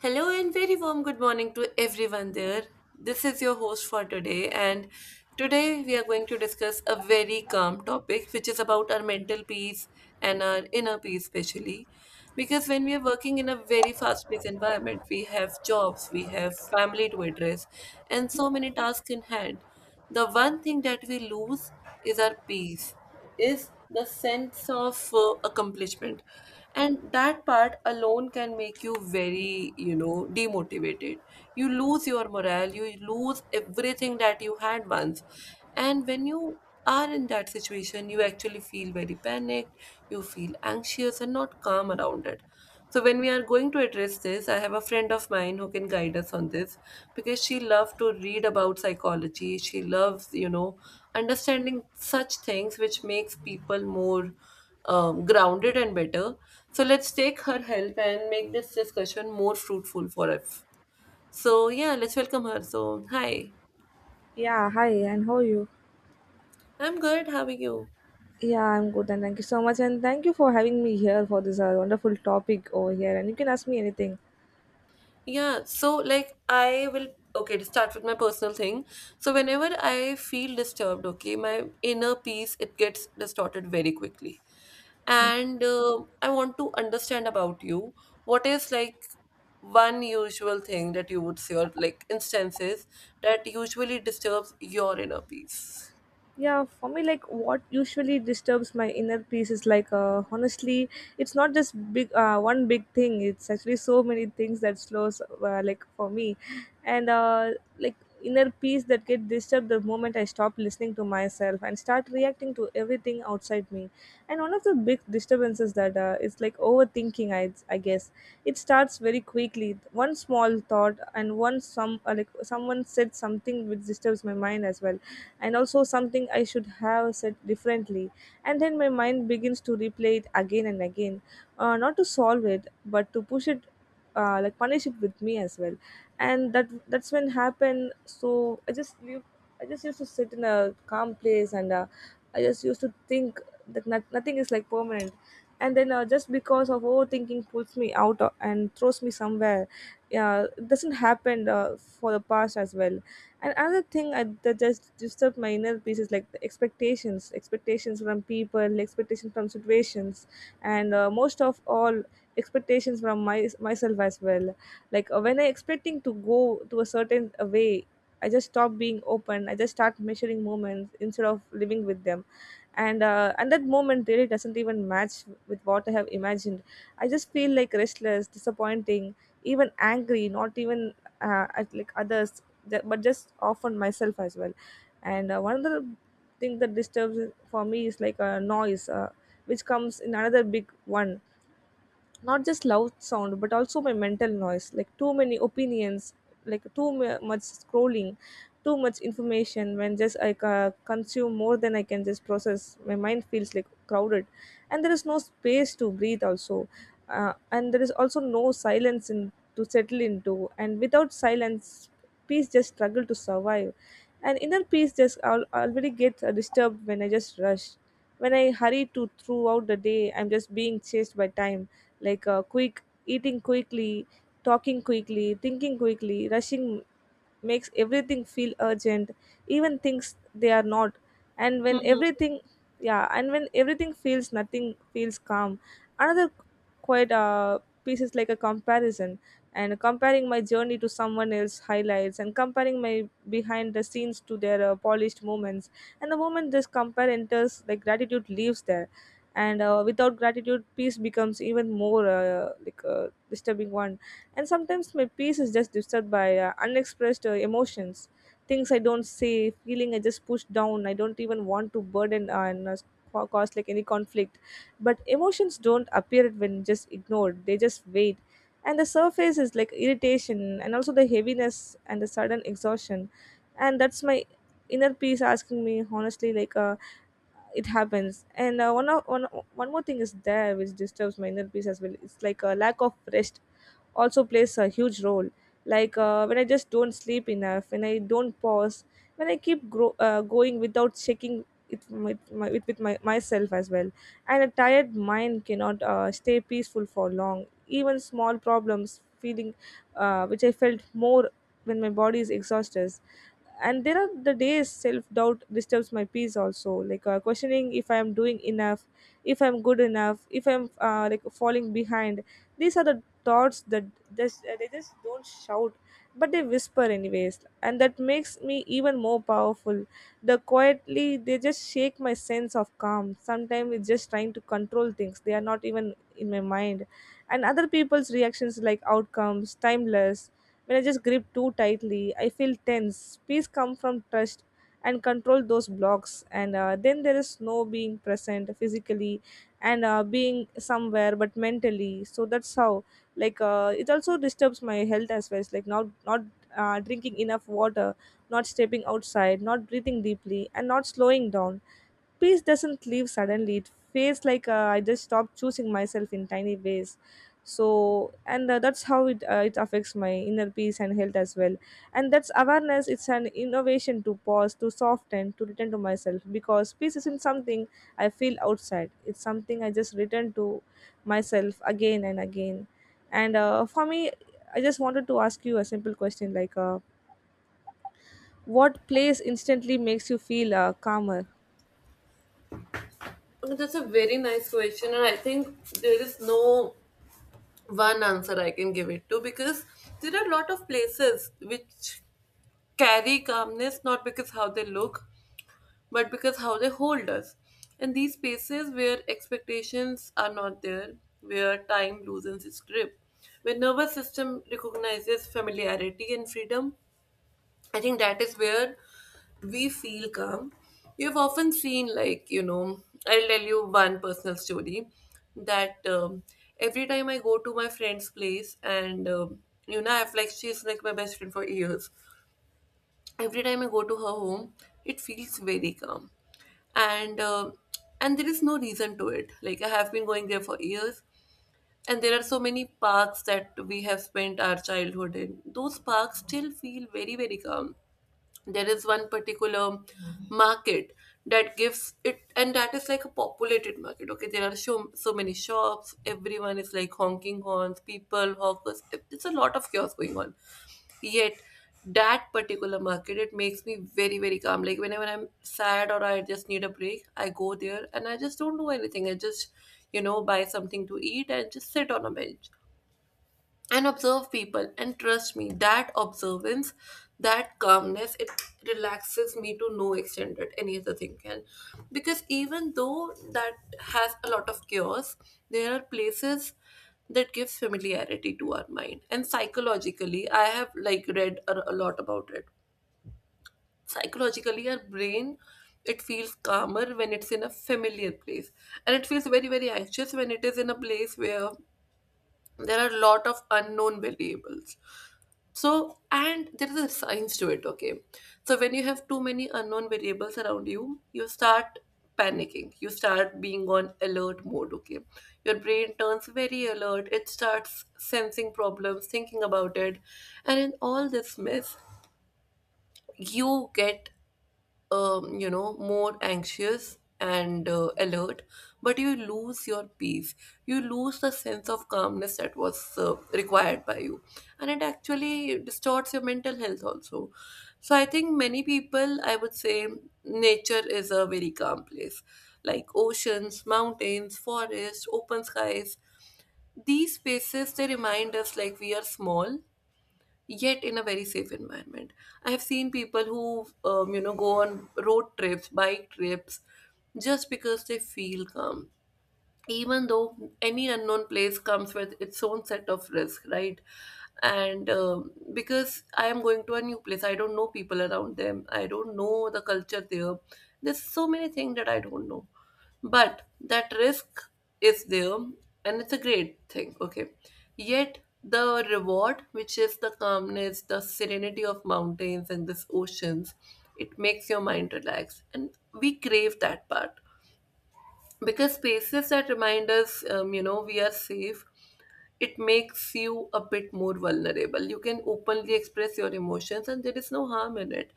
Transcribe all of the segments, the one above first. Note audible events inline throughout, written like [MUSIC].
Hello and very warm good morning to everyone there. This is your host for today, and today we are going to discuss a very calm topic, which is about our mental peace and our inner peace, especially. Because when we are working in a very fast paced environment, we have jobs, we have family to address, and so many tasks in hand. The one thing that we lose is our peace, is the sense of accomplishment, and that part alone can make you very demotivated. You lose your morale, you lose everything that you had once. And when you are in that situation, you actually feel very panicked, you feel anxious and not calm around it. So when we are going to address this, I have a friend of mine who can guide us on this, because she loves to read about psychology. She loves, understanding such things which makes people more grounded and better. So let's take her help and make this discussion more fruitful for us. So yeah, let's welcome her. So hi, Yeah, hi, and how are you? I'm good. How are you? Yeah, I'm good, and thank you so much, and thank you for having me here for this wonderful topic over here. And you can ask me anything. Yeah, so like I will, okay, to start with my personal thing. So whenever I feel disturbed, okay, my inner peace, it gets distorted very quickly, and I want to understand about you. What is like one usual thing that you would say, or like instances that usually disturbs your inner peace? Yeah, for me like what usually disturbs my inner peace is like honestly it's not just big one big thing. It's actually so many things that slows like for me and like inner peace that get disturbed the moment I stop listening to myself and start reacting to everything outside me. And one of the big disturbances that is like overthinking, I guess. It starts very quickly, one small thought and one some like someone said something which disturbs my mind as well, and also something I should have said differently. And then my mind begins to replay it again and again, not to solve it, but to push it, like punish it with me as well. And that's when happened. So I just live. I just used to sit in a calm place and I just used to think that nothing is like permanent. And then just because of overthinking pulls me out and throws me somewhere. Yeah, it doesn't happen for the past as well. And another thing that just disturbs my inner peace is like the expectations, expectations from people, expectations from situations, and most of all, expectations from myself as well. Like when I expecting to go to a certain way, I just stop being open. I just start measuring moments instead of living with them, and that moment really doesn't even match with what I have imagined. I just feel like restless, disappointing, even angry. Not even at like others, but just often myself as well. And one of the thing that disturbs for me is like a noise, which comes in another big one. Not just loud sound but also my mental noise, like too many opinions, like too much scrolling, too much information. When just consume more than I can just process, my mind feels like crowded, and there is no space to breathe also. And there is also no silence in to settle into, and without silence peace just struggle to survive. And inner peace just already gets disturbed when I just rush, when I hurry to throughout the day. I'm just being chased by time. Like quick eating, quickly talking, quickly thinking, quickly rushing makes everything feel urgent, even things they are not. And when Mhm. everything, yeah, and when everything feels, nothing feels calm. Another quite piece is like a comparison, and comparing my journey to someone else highlights, and comparing my behind the scenes to their polished moments. And the moment this compare enters, like gratitude leaves there, and without gratitude peace becomes even more like a disturbing one. And sometimes my peace is just disturbed by unexpressed emotions, things I don't say, feeling I just push down. I don't even want to burden cause like any conflict. But emotions don't appear when just ignored; they just wait. And the surface is like irritation, and also the heaviness and the sudden exhaustion, and that's my inner peace asking me honestly like it happens. And one, o- one one more thing is there which disturbs my inner peace as well. It's like a lack of rest also plays a huge role. Like when I just don't sleep enough, when I don't pause, when I keep going without checking it with myself as well. And a tired mind cannot stay peaceful for long. Even small problems, feeling which I felt more when my body is exhausted. And there are the days self-doubt disturbs my peace also, like questioning if I am doing enough, if I'm good enough, if I'm like falling behind. These are the thoughts that they just don't shout, but they whisper anyways, and that makes me even more powerful. The quietly they just shake my sense of calm. Sometimes it's just trying to control things they are not even in my mind, and other people's reactions like outcomes timeless. When I just grip too tightly I feel tense. Peace come from trust, and control those blocks. And then there is no being present physically and being somewhere but mentally. So that's how, like it also disturbs my health as well. It's like not drinking enough water, not stepping outside, not breathing deeply, and not slowing down. Peace doesn't leave suddenly. It feels like I just stopped choosing myself in tiny ways. So, and that's how it it affects my inner peace and health as well. And that's awareness. It's an innovation to pause, to soften, to return to myself, because peace isn't something I feel outside. It's something I just return to myself again and again. And for me, I just wanted to ask you a simple question, like, what place instantly makes you feel calmer? That's a very nice question, and I think there is no one answer I can give it to, because there are a lot of places which carry calmness, not because how they look but because how they hold us. And these spaces where expectations are not there, where time loosens its grip, where nervous system recognizes familiarity and freedom, I think that is where we feel calm. You've often seen, like, I'll tell you one personal story, that every time I go to my friend's place, and I've like, she's like my best friend for years. Every time I go to her home, it feels very calm, and and there is no reason to it. Like I have been going there for years, and there are so many parks that we have spent our childhood in. Those parks still feel very, very calm. There is one particular market that gives it, and that is like a populated market. Okay, there are so so many shops. Everyone is like honking horns, people, hawkers. It's a lot of chaos going on. Yet that particular market, it makes me very, very calm. Like whenever I'm sad or I just need a break, I go there and I just don't do anything. I just, buy something to eat and just sit on a bench and observe people, and trust me, that observance, that calmness, it relaxes me to no extent that any other thing can. Because even though that has a lot of chaos, there are places that gives familiarity to our mind. And psychologically, I have, like, read a lot about it. Psychologically, our brain, it feels calmer when it's in a familiar place, and it feels very, very anxious when it is in a place where there are a lot of unknown variables. So, and there is a science to it, okay? So, when you have too many unknown variables around you, you start panicking. You start being on alert mode, okay? Your brain turns very alert. It starts sensing problems, thinking about it. And in all this mess, you get more anxious and alert, but you lose your peace. You lose the sense of calmness that was required by you, and it actually distorts your mental health also. So I think many people, I would say, nature is a very calm place, like oceans, mountains, forests, open skies. These spaces, they remind us like we are small, yet in a very safe environment. I have seen people who, go on road trips, bike trips, just because they feel calm, even though any unknown place comes with its own set of risk, right? And because I am going to a new place, I don't know people around them, I don't know the culture there, there's so many things that I don't know. But that risk is there, and it's a great thing, okay? Yet the reward, which is the calmness, the serenity of mountains and this oceans, it makes your mind relax, and we crave that part. Because spaces that remind us, we are safe, it makes you a bit more vulnerable. You can openly express your emotions, and there is no harm in it.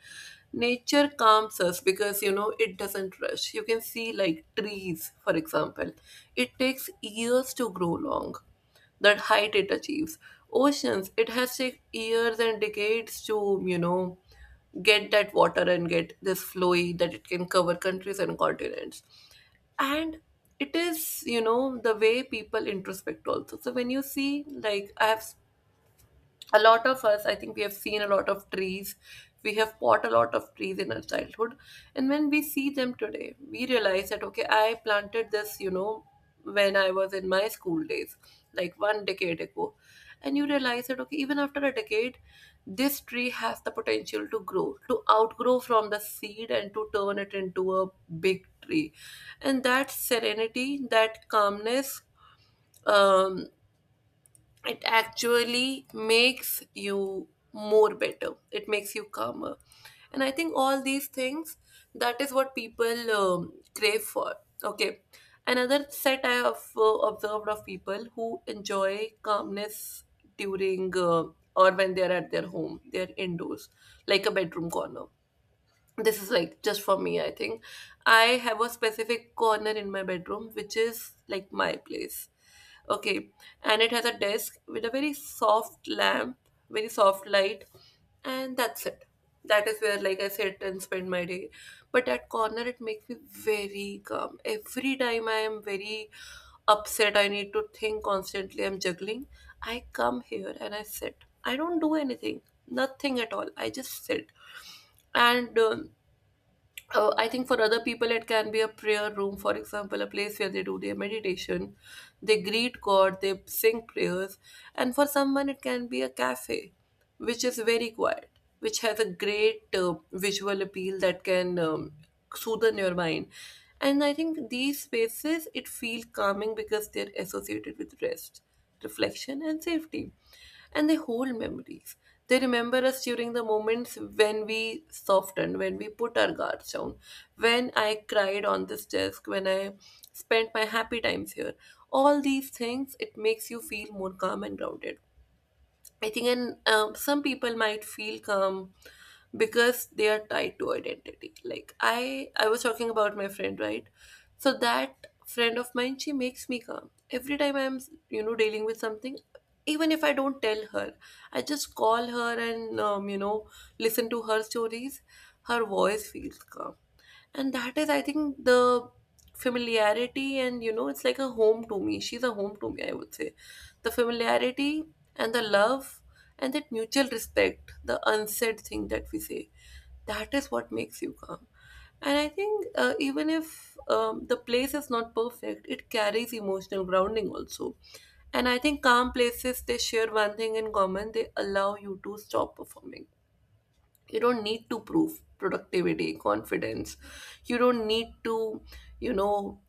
Nature calms us because, it doesn't rush. You can see, like, trees, for example. It takes years to grow long, that height it achieves. Oceans, it has taken years and decades to, get that water and get this flowy that it can cover countries and continents. And it is, the way people introspect also. So when you see, like, I have, a lot of us, I think, we have seen a lot of trees, we have bought a lot of trees in our childhood. And when we see them today, we realize that, okay, I planted this, when I was in my school days, like one decade ago. And you realize that, okay, even after a decade, this tree has the potential to grow, to outgrow from the seed and to turn it into a big tree. And that serenity, that calmness, um, it actually makes you more better, it makes you calmer. And I think all these things, that is what people crave for, okay? Another set I have observed of people who enjoy calmness during or when they are at their home, they are indoors, like a bedroom corner. This is like just for me, I think. I have a specific corner in my bedroom which is like my place, okay? And it has a desk with a very soft lamp, very soft light, and that's it. That is where, like, I sit and spend my day. But that corner, it makes me very calm. Every time I am very upset, I need to think constantly, I'm juggling, I come here and I sit, I don't do anything, nothing at all, I just sit. And I think for other people it can be a prayer room, for example, a place where they do their meditation, they greet God, they sing prayers. And for someone it can be a cafe, which is very quiet, which has a great visual appeal that can soothe your mind. And I think these spaces, it feels calming because they're associated with rest, reflection, and safety. And they hold memories. They remember us during the moments when we softened, when we put our guards down, when I cried on this desk, when I spent my happy times here. All these things, it makes you feel more calm and grounded, I think. And some people might feel calm because they are tied to identity. Like I was talking about my friend, right? So that friend of mine, she makes me calm every time I'm, dealing with something. Even if I don't tell her, I just call her and, listen to her stories. Her voice feels calm, and that is, I think, the familiarity, and, it's like a home to me, she's a home to me, I would say. The familiarity and the love and that mutual respect, the unsaid thing that we say, that is what makes you calm. And I think, even if, the place is not perfect, it carries emotional grounding also. And I think calm places, they share one thing in common: they allow you to stop performing. You don't need to prove productivity, confidence, you don't need to, you know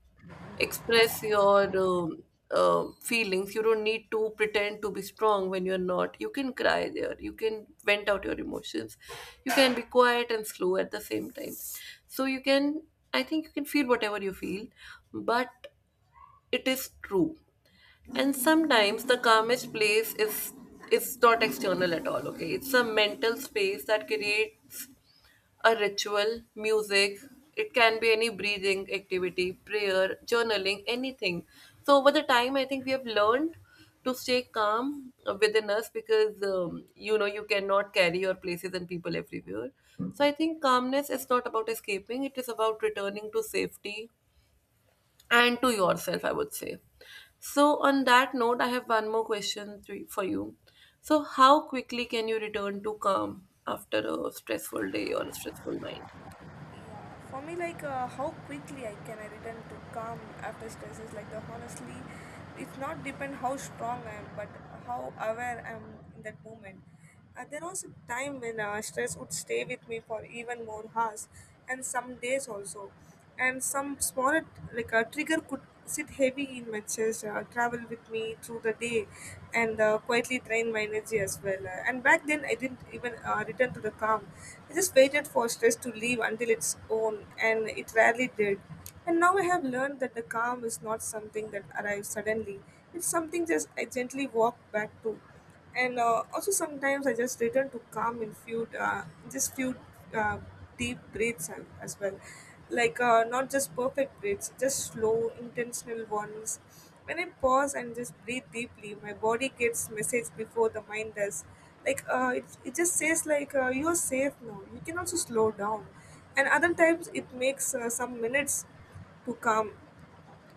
express your feelings, you don't need to pretend to be strong when you're not. You can cry there, you can vent out your emotions, you can be quiet and slow at the same time. So you can, I think, you can feel whatever you feel, but it is true. And sometimes the calmest place is not external at all, okay, it's a mental space that creates a ritual, music, it can be any breathing activity, prayer, journaling, anything. So, over the time, I think we have learned to stay calm within us, because, you cannot carry your places and people everywhere. So, I think calmness is not about escaping, it is about returning to safety and to yourself, I would say. So, on that note, I have one more question to, for you. So, how quickly can you return to calm after a stressful day or a stressful night? Yeah, for me, like how quickly I can I return to calm after stress is like the honestly, it's not depend how strong I am, but how aware I am in that moment. There was a time when stress would stay with me for even more hours, and some days also. And some small, like a trigger could sit heavy in my chest, travel with me through the day and quietly drain my energy as well. And back then I didn't even return to the calm. I just waited for stress to leave until its own, and it rarely did. And now I have learned that the calm is not something that arrives suddenly. It's something just I gently walk back to. And also sometimes I just return to calm and few just few uh, deep breaths as well, like not just perfect breaths, just slow intentional ones. When I pause and just breathe deeply, my body gets message before the mind does. Like it just says like you're safe now. You can also slow down, and other times it makes some minutes to come,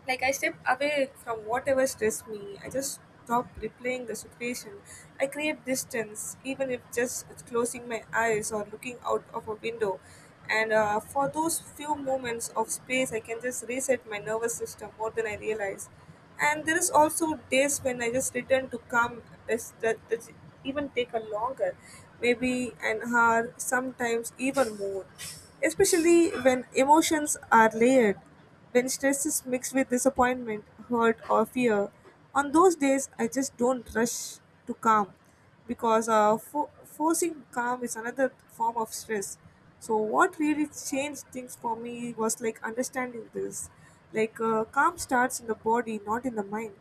like I step away from whatever stressed me. I just stop replaying the situation. I create distance, even if just closing my eyes or looking out of a window. And for those few moments of space, I can just reset my nervous system more than I realize. And there is also days when I just return to calm that's, that even take a longer, maybe an hour, sometimes even more. Especially when emotions are layered. When stress is mixed with disappointment, hurt, or fear, on those days I just don't rush to calm, because forcing calm is another form of stress. So, what really changed things for me was like understanding this. Like, calm starts in the body, not in the mind.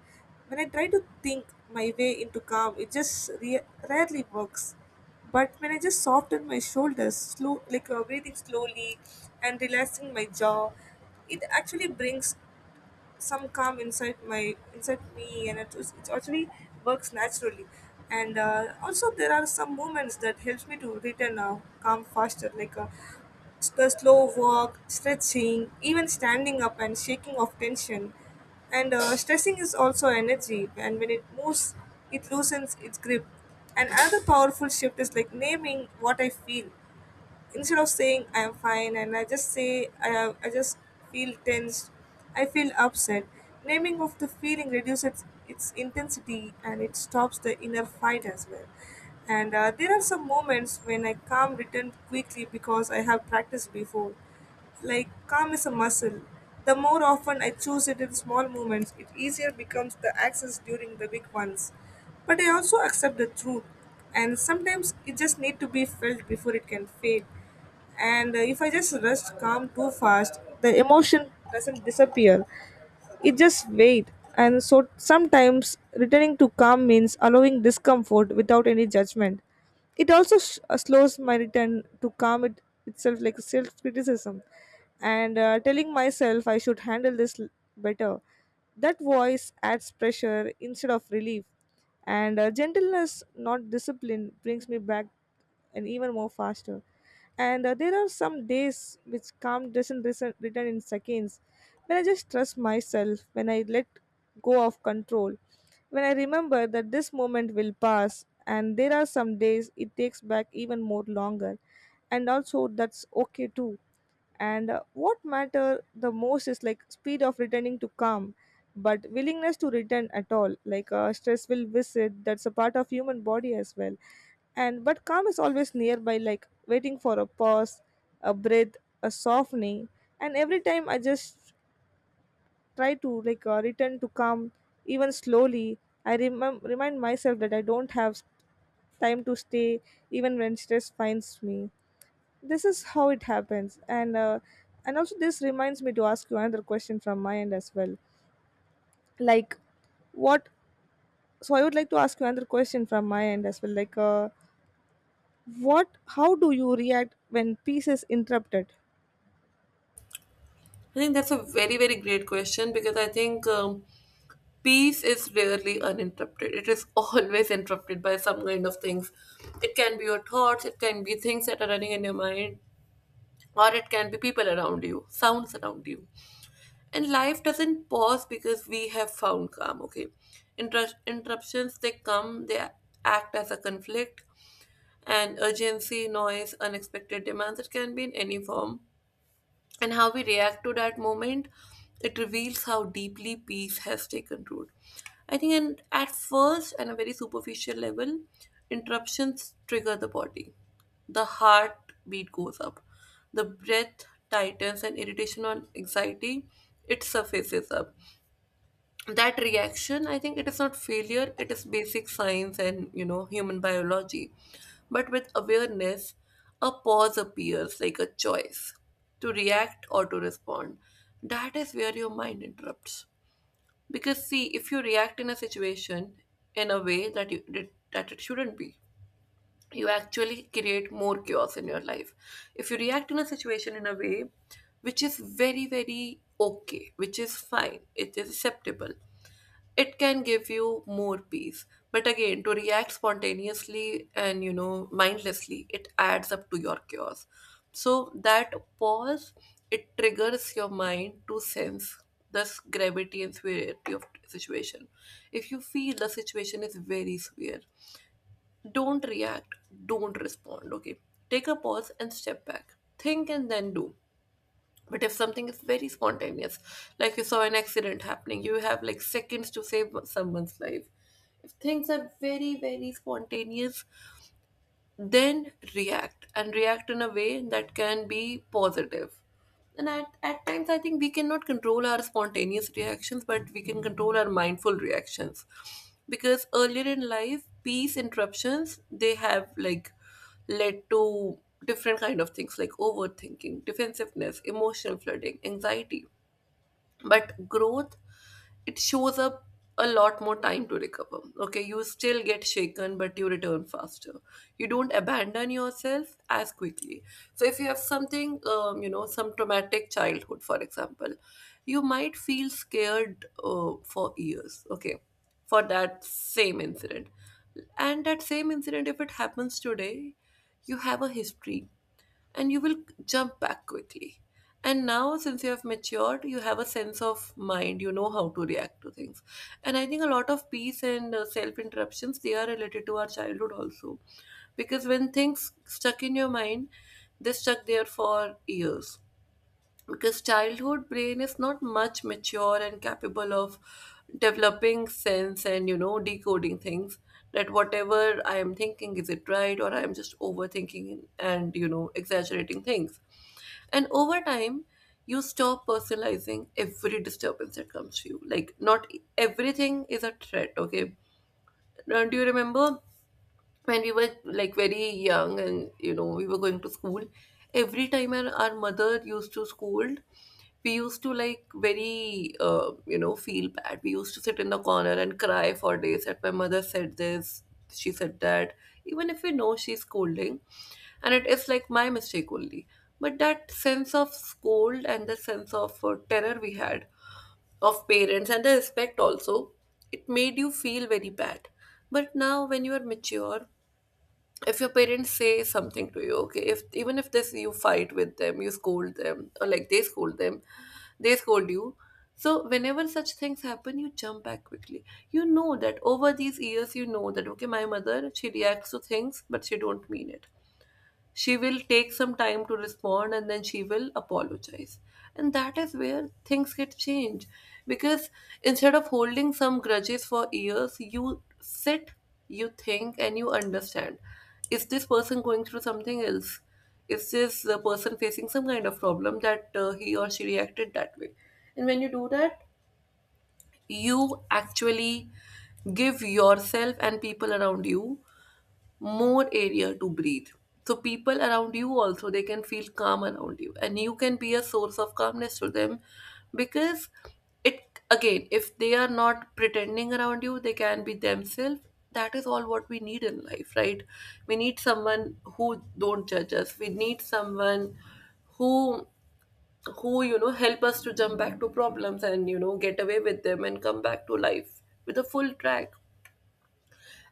When I try to think my way into calm, it just rarely works. But when I just softened my shoulders, slow, like breathing slowly and relaxing my jaw, it actually brings some calm inside my inside me, and it actually works naturally. And also there are some moments that helps me to return calm faster, like the slow walk, stretching, even standing up and shaking off tension. And stressing is also energy, and when it moves it loosens its grip. And another powerful shift is like naming what I feel. Instead of saying I am fine, and I just say I just feel tense, I feel upset. Naming of the feeling reduces its intensity, and it stops the inner fight as well. And there are some moments when I calm returned quickly because I have practiced before, like calm is a muscle. The more often I choose it in small moments, it easier becomes the access during the big ones. But I also accept the truth, and sometimes it just need to be felt before it can fade. And if I just rush calm too fast, the emotion doesn't disappear, it just wait. And so sometimes returning to calm means allowing discomfort without any judgment. It also slows my return to calm it itself, like self criticism and telling myself I should handle this better. That voice adds pressure instead of relief. And gentleness, not discipline, brings me back and even more faster. And there are some days which calm doesn't return in seconds. When I just trust myself, when I let go of control, when I remember that this moment will pass, and there are some days it takes back even more longer, and also that's okay too. And what matter the most is like speed of returning to calm, but willingness to return at all. Stress will visit. That's a part of human body as well, and but calm is always nearby, like waiting for a pause, a breath, a softening. And every time I just try to return to calm, even slowly, remind myself that I don't have time to stay, even when stress finds me. This is how it happens. And also, this reminds me to ask you another question from my end as well, like what. So I would like to ask you another question from my end as well, what. How do you react when peace is interrupted? I think that's a very, very great question because I think peace is rarely uninterrupted. It is [LAUGHS] always interrupted by some kind of things. It can be your thoughts, it can be things that are running in your mind, or it can be people around you, sounds around you. And life doesn't pause because we have found calm, okay? Interruptions, they come, they act as a conflict, and urgency, noise, unexpected demands. It can be in any form, and how we react to that moment, it reveals how deeply peace has taken root, I think. And at first, and a very superficial level, interruptions trigger the body, the heart beat goes up, the breath tightens, and irritation or anxiety, it surfaces up. That reaction, I think, it is not failure, it is basic science and, you know, human biology. But with awareness, a pause appears like a choice, to react or to respond. That is where your mind interrupts, because see, if you react in a situation in a way that you, that it shouldn't be, you actually create more chaos in your life. If you react in a situation in a way which is very, very okay, which is fine, it is acceptable, it can give you more peace. But again, to react spontaneously and, you know, mindlessly, it adds up to your chaos. So that pause, it triggers your mind to sense the gravity and severity of situation. If you feel the situation is very severe, don't react, don't respond, okay? Take a pause and step back, think, and then do. But if something is very spontaneous, like you saw an accident happening, you have like seconds to save someone's life. If things are very, very spontaneous, then react, and react in a way that can be positive. And at times, I think we cannot control our spontaneous reactions, but we can control our mindful reactions. Because earlier in life, peace interruptions, they have like led to different kind of things like overthinking, defensiveness, emotional flooding, anxiety. But growth, it shows up a lot more time to recover. Okay, you still get shaken, but you return faster. You don't abandon yourself as quickly. So, if you have something, you know, some traumatic childhood, for example, you might feel scared for years. Okay, for that same incident. And that same incident, if it happens today, you have a history and you will jump back quickly. And now, since you have matured, you have a sense of mind, you know how to react to things. And I think a lot of peace and self interruptions, they are related to our childhood also. Because when things stuck in your mind, they stuck there for years, because childhood brain is not much mature and capable of developing sense and, you know, decoding things, that whatever I am thinking, is it right, or I am just overthinking and, you know, exaggerating things. And over time, you stop personalizing every disturbance that comes to you, like not everything is a threat, okay? Now, do you remember when we were like very young and, you know, we were going to school, every time our mother used to scold, we used to like very you know, feel bad, we used to sit in the corner and cry for days, that my mother said this, she said that, even if we know she's scolding and it is like my mistake only. But that sense of scold and the sense of terror we had of parents, and the respect also, it made you feel very bad. But now when you are mature, if your parents say something to you, okay, if even if this, you fight with them, you scold them, or like they scold them, they scold you, so whenever such things happen, you jump back quickly. You know that over these years, you know that okay, my mother, she reacts to things but she don't mean it, she will take some time to respond, and then she will apologize. And that is where things get changed. Because instead of holding some grudges for years, you sit, you think, and you understand. Is this person going through something else? Is this the person facing some kind of problem that he or she reacted that way? And when you do that, you actually give yourself and people around you more area to breathe. So people around you also, they can feel calm around you, and you can be a source of calmness to them, because it, again, if they are not pretending around you, they can be themselves. That is all what we need in life, right? We need someone who don't judge us, we need someone who who, you know, help us to jump back to problems and, you know, get away with them and come back to life with a full track.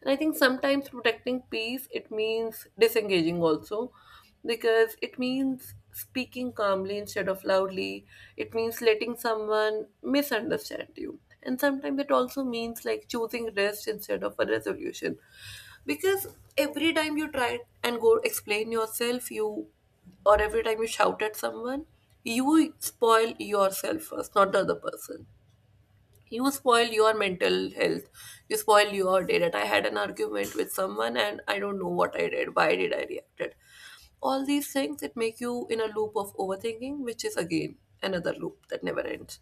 And I think sometimes protecting peace, it means disengaging also, because it means speaking calmly instead of loudly. It means letting someone misunderstand you. And sometimes it also means like choosing rest instead of a resolution. Because every time you try and go explain yourself, you, or every time you shout at someone, you spoil yourself first, not the other person. You spoil your mental health, you spoil your day, that I had an argument with someone and I don't know what I did, why did I reacted. All these things that make you in a loop of overthinking, which is again another loop that never ends.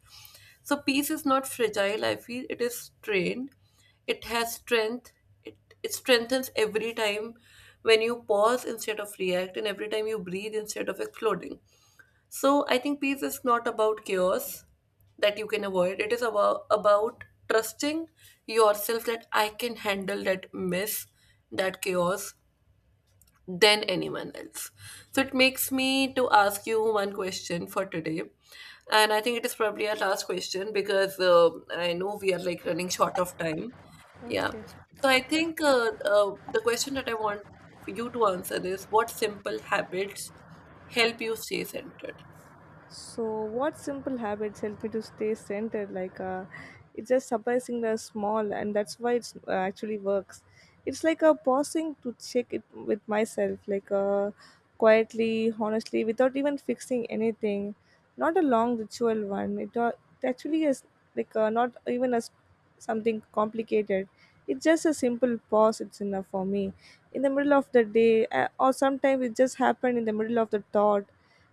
So peace is not fragile, I feel it is strained, it has strength. It, it strengthens every time when you pause instead of react, and every time you breathe instead of exploding. So I think peace is not about chaos that you can avoid. It is about trusting yourself, that I can handle that mess, that chaos, than anyone else. So it makes me to ask you one question for today. And I think it is probably our last question because I know we are like running short of time. Yeah. Okay. So I think the question that I want you to answer is, what simple habits help you stay centered? So, what simple habits help me to stay centered? It's just surprisingly small, and that's why it's actually works. It's like a pausing to check it with myself, quietly, honestly, without even fixing anything. Not a long ritual one. It actually is not even as something complicated. It's just a simple pause. It's enough for me. In the middle of the day, or sometimes it just happened in the middle of the thought.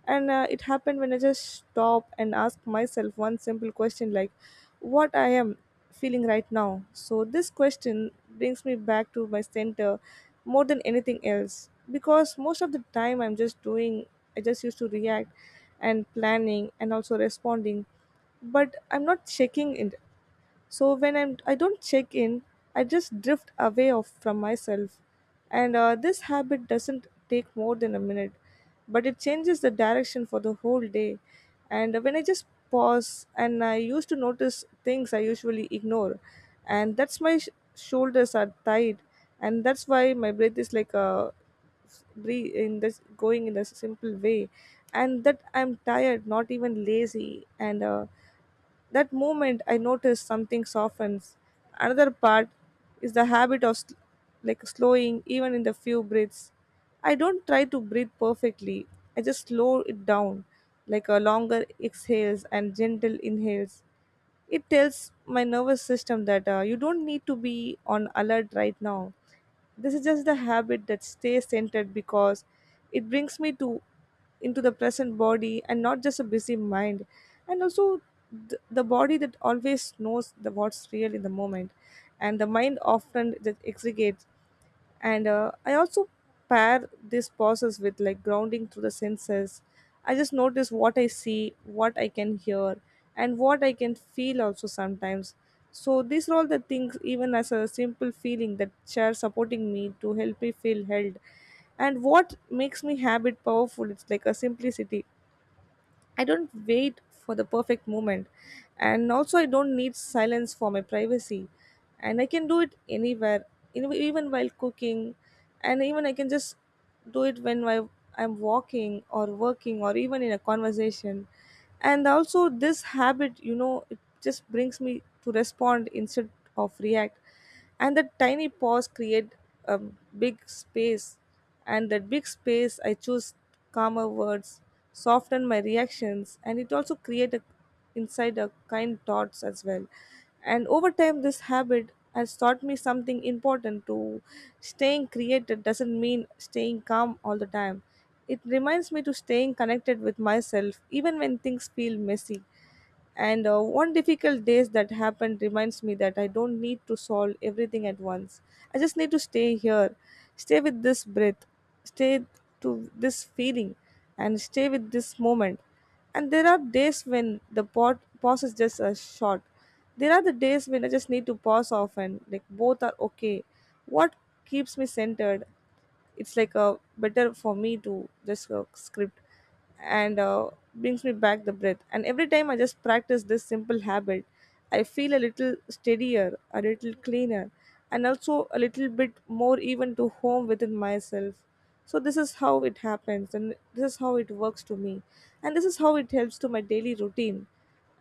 And it happened when I just stop and ask myself one simple question, like what I am feeling right now. So this question brings me back to my center more than anything else, because most of the time I'm just doing, I just used to react and planning and also responding, but I'm not checking in. So when I'm I don't check in, I just drift away of from myself, and this habit doesn't take more than a minute, but it changes the direction for the whole day. And when I just pause, and I used to notice things I usually ignore, and that's my shoulders are tight, and that's why my breath is like a breathe in, this going in a simple way, and that I'm tired, not even lazy, and that moment I notice something softens. Another part is the habit of like slowing even in the few breaths. I don't try to breathe perfectly, I just slow it down, like a longer exhales and gentle inhales. It tells my nervous system that you don't need to be on alert right now. This is just the habit that stays centered, because it brings me to into the present body and not just a busy mind. And also, the body that always knows the what's real in the moment, and the mind often just exaggerates. And I also pair this process with like grounding through the senses. I just notice what I see, what I can hear, and what I can feel also sometimes. So these are all the things, even as a simple feeling that chair supporting me to help me feel held. And what makes me habit powerful, it's like a simplicity. I don't wait for the perfect moment. And also, I don't need silence for my privacy. And I can do it anywhere, even while cooking. And even I can just do it when I'm walking or working or even in a conversation. And also this habit, you know, it just brings me to respond instead of react. And that tiny pause create a big space, and that big space I choose calmer words, soften my reactions, and it also create a inside a kind thoughts as well. And over time, this habit has taught me something important to staying creative doesn't mean staying calm all the time. It reminds me to staying connected with myself even when things feel messy. And one difficult days that happened reminds me that I don't need to solve everything at once. I just need to stay here, stay with this breath, stay to this feeling, and stay with this moment. And there are days when the pot pause is just a short. There are the days when I just need to pause often. Like both are okay. What keeps me centered, it's like a better for me to just script, and brings me back the breath. And every time I just practice this simple habit, I feel a little steadier, a little cleaner, and also a little bit more even to home within myself. So this is how it happens, and this is how it works to me, and this is how it helps to my daily routine.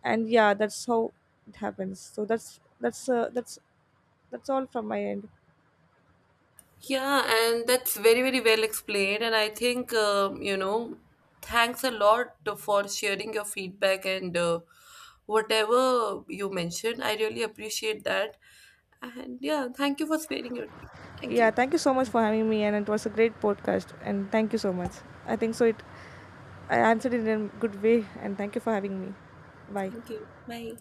And yeah, that's how it happens. So that's all from my end. Yeah, and that's very, very well explained. And I think, you know, thanks a lot for sharing your feedback and whatever you mentioned. I really appreciate that. And yeah, thank you for sparing your time. Thank Yeah, you. thank you so much for having me, and it was a great podcast. And thank you so much. I think so. It, I answered it in a good way, and thank you for having me. Bye. Thank you. Bye.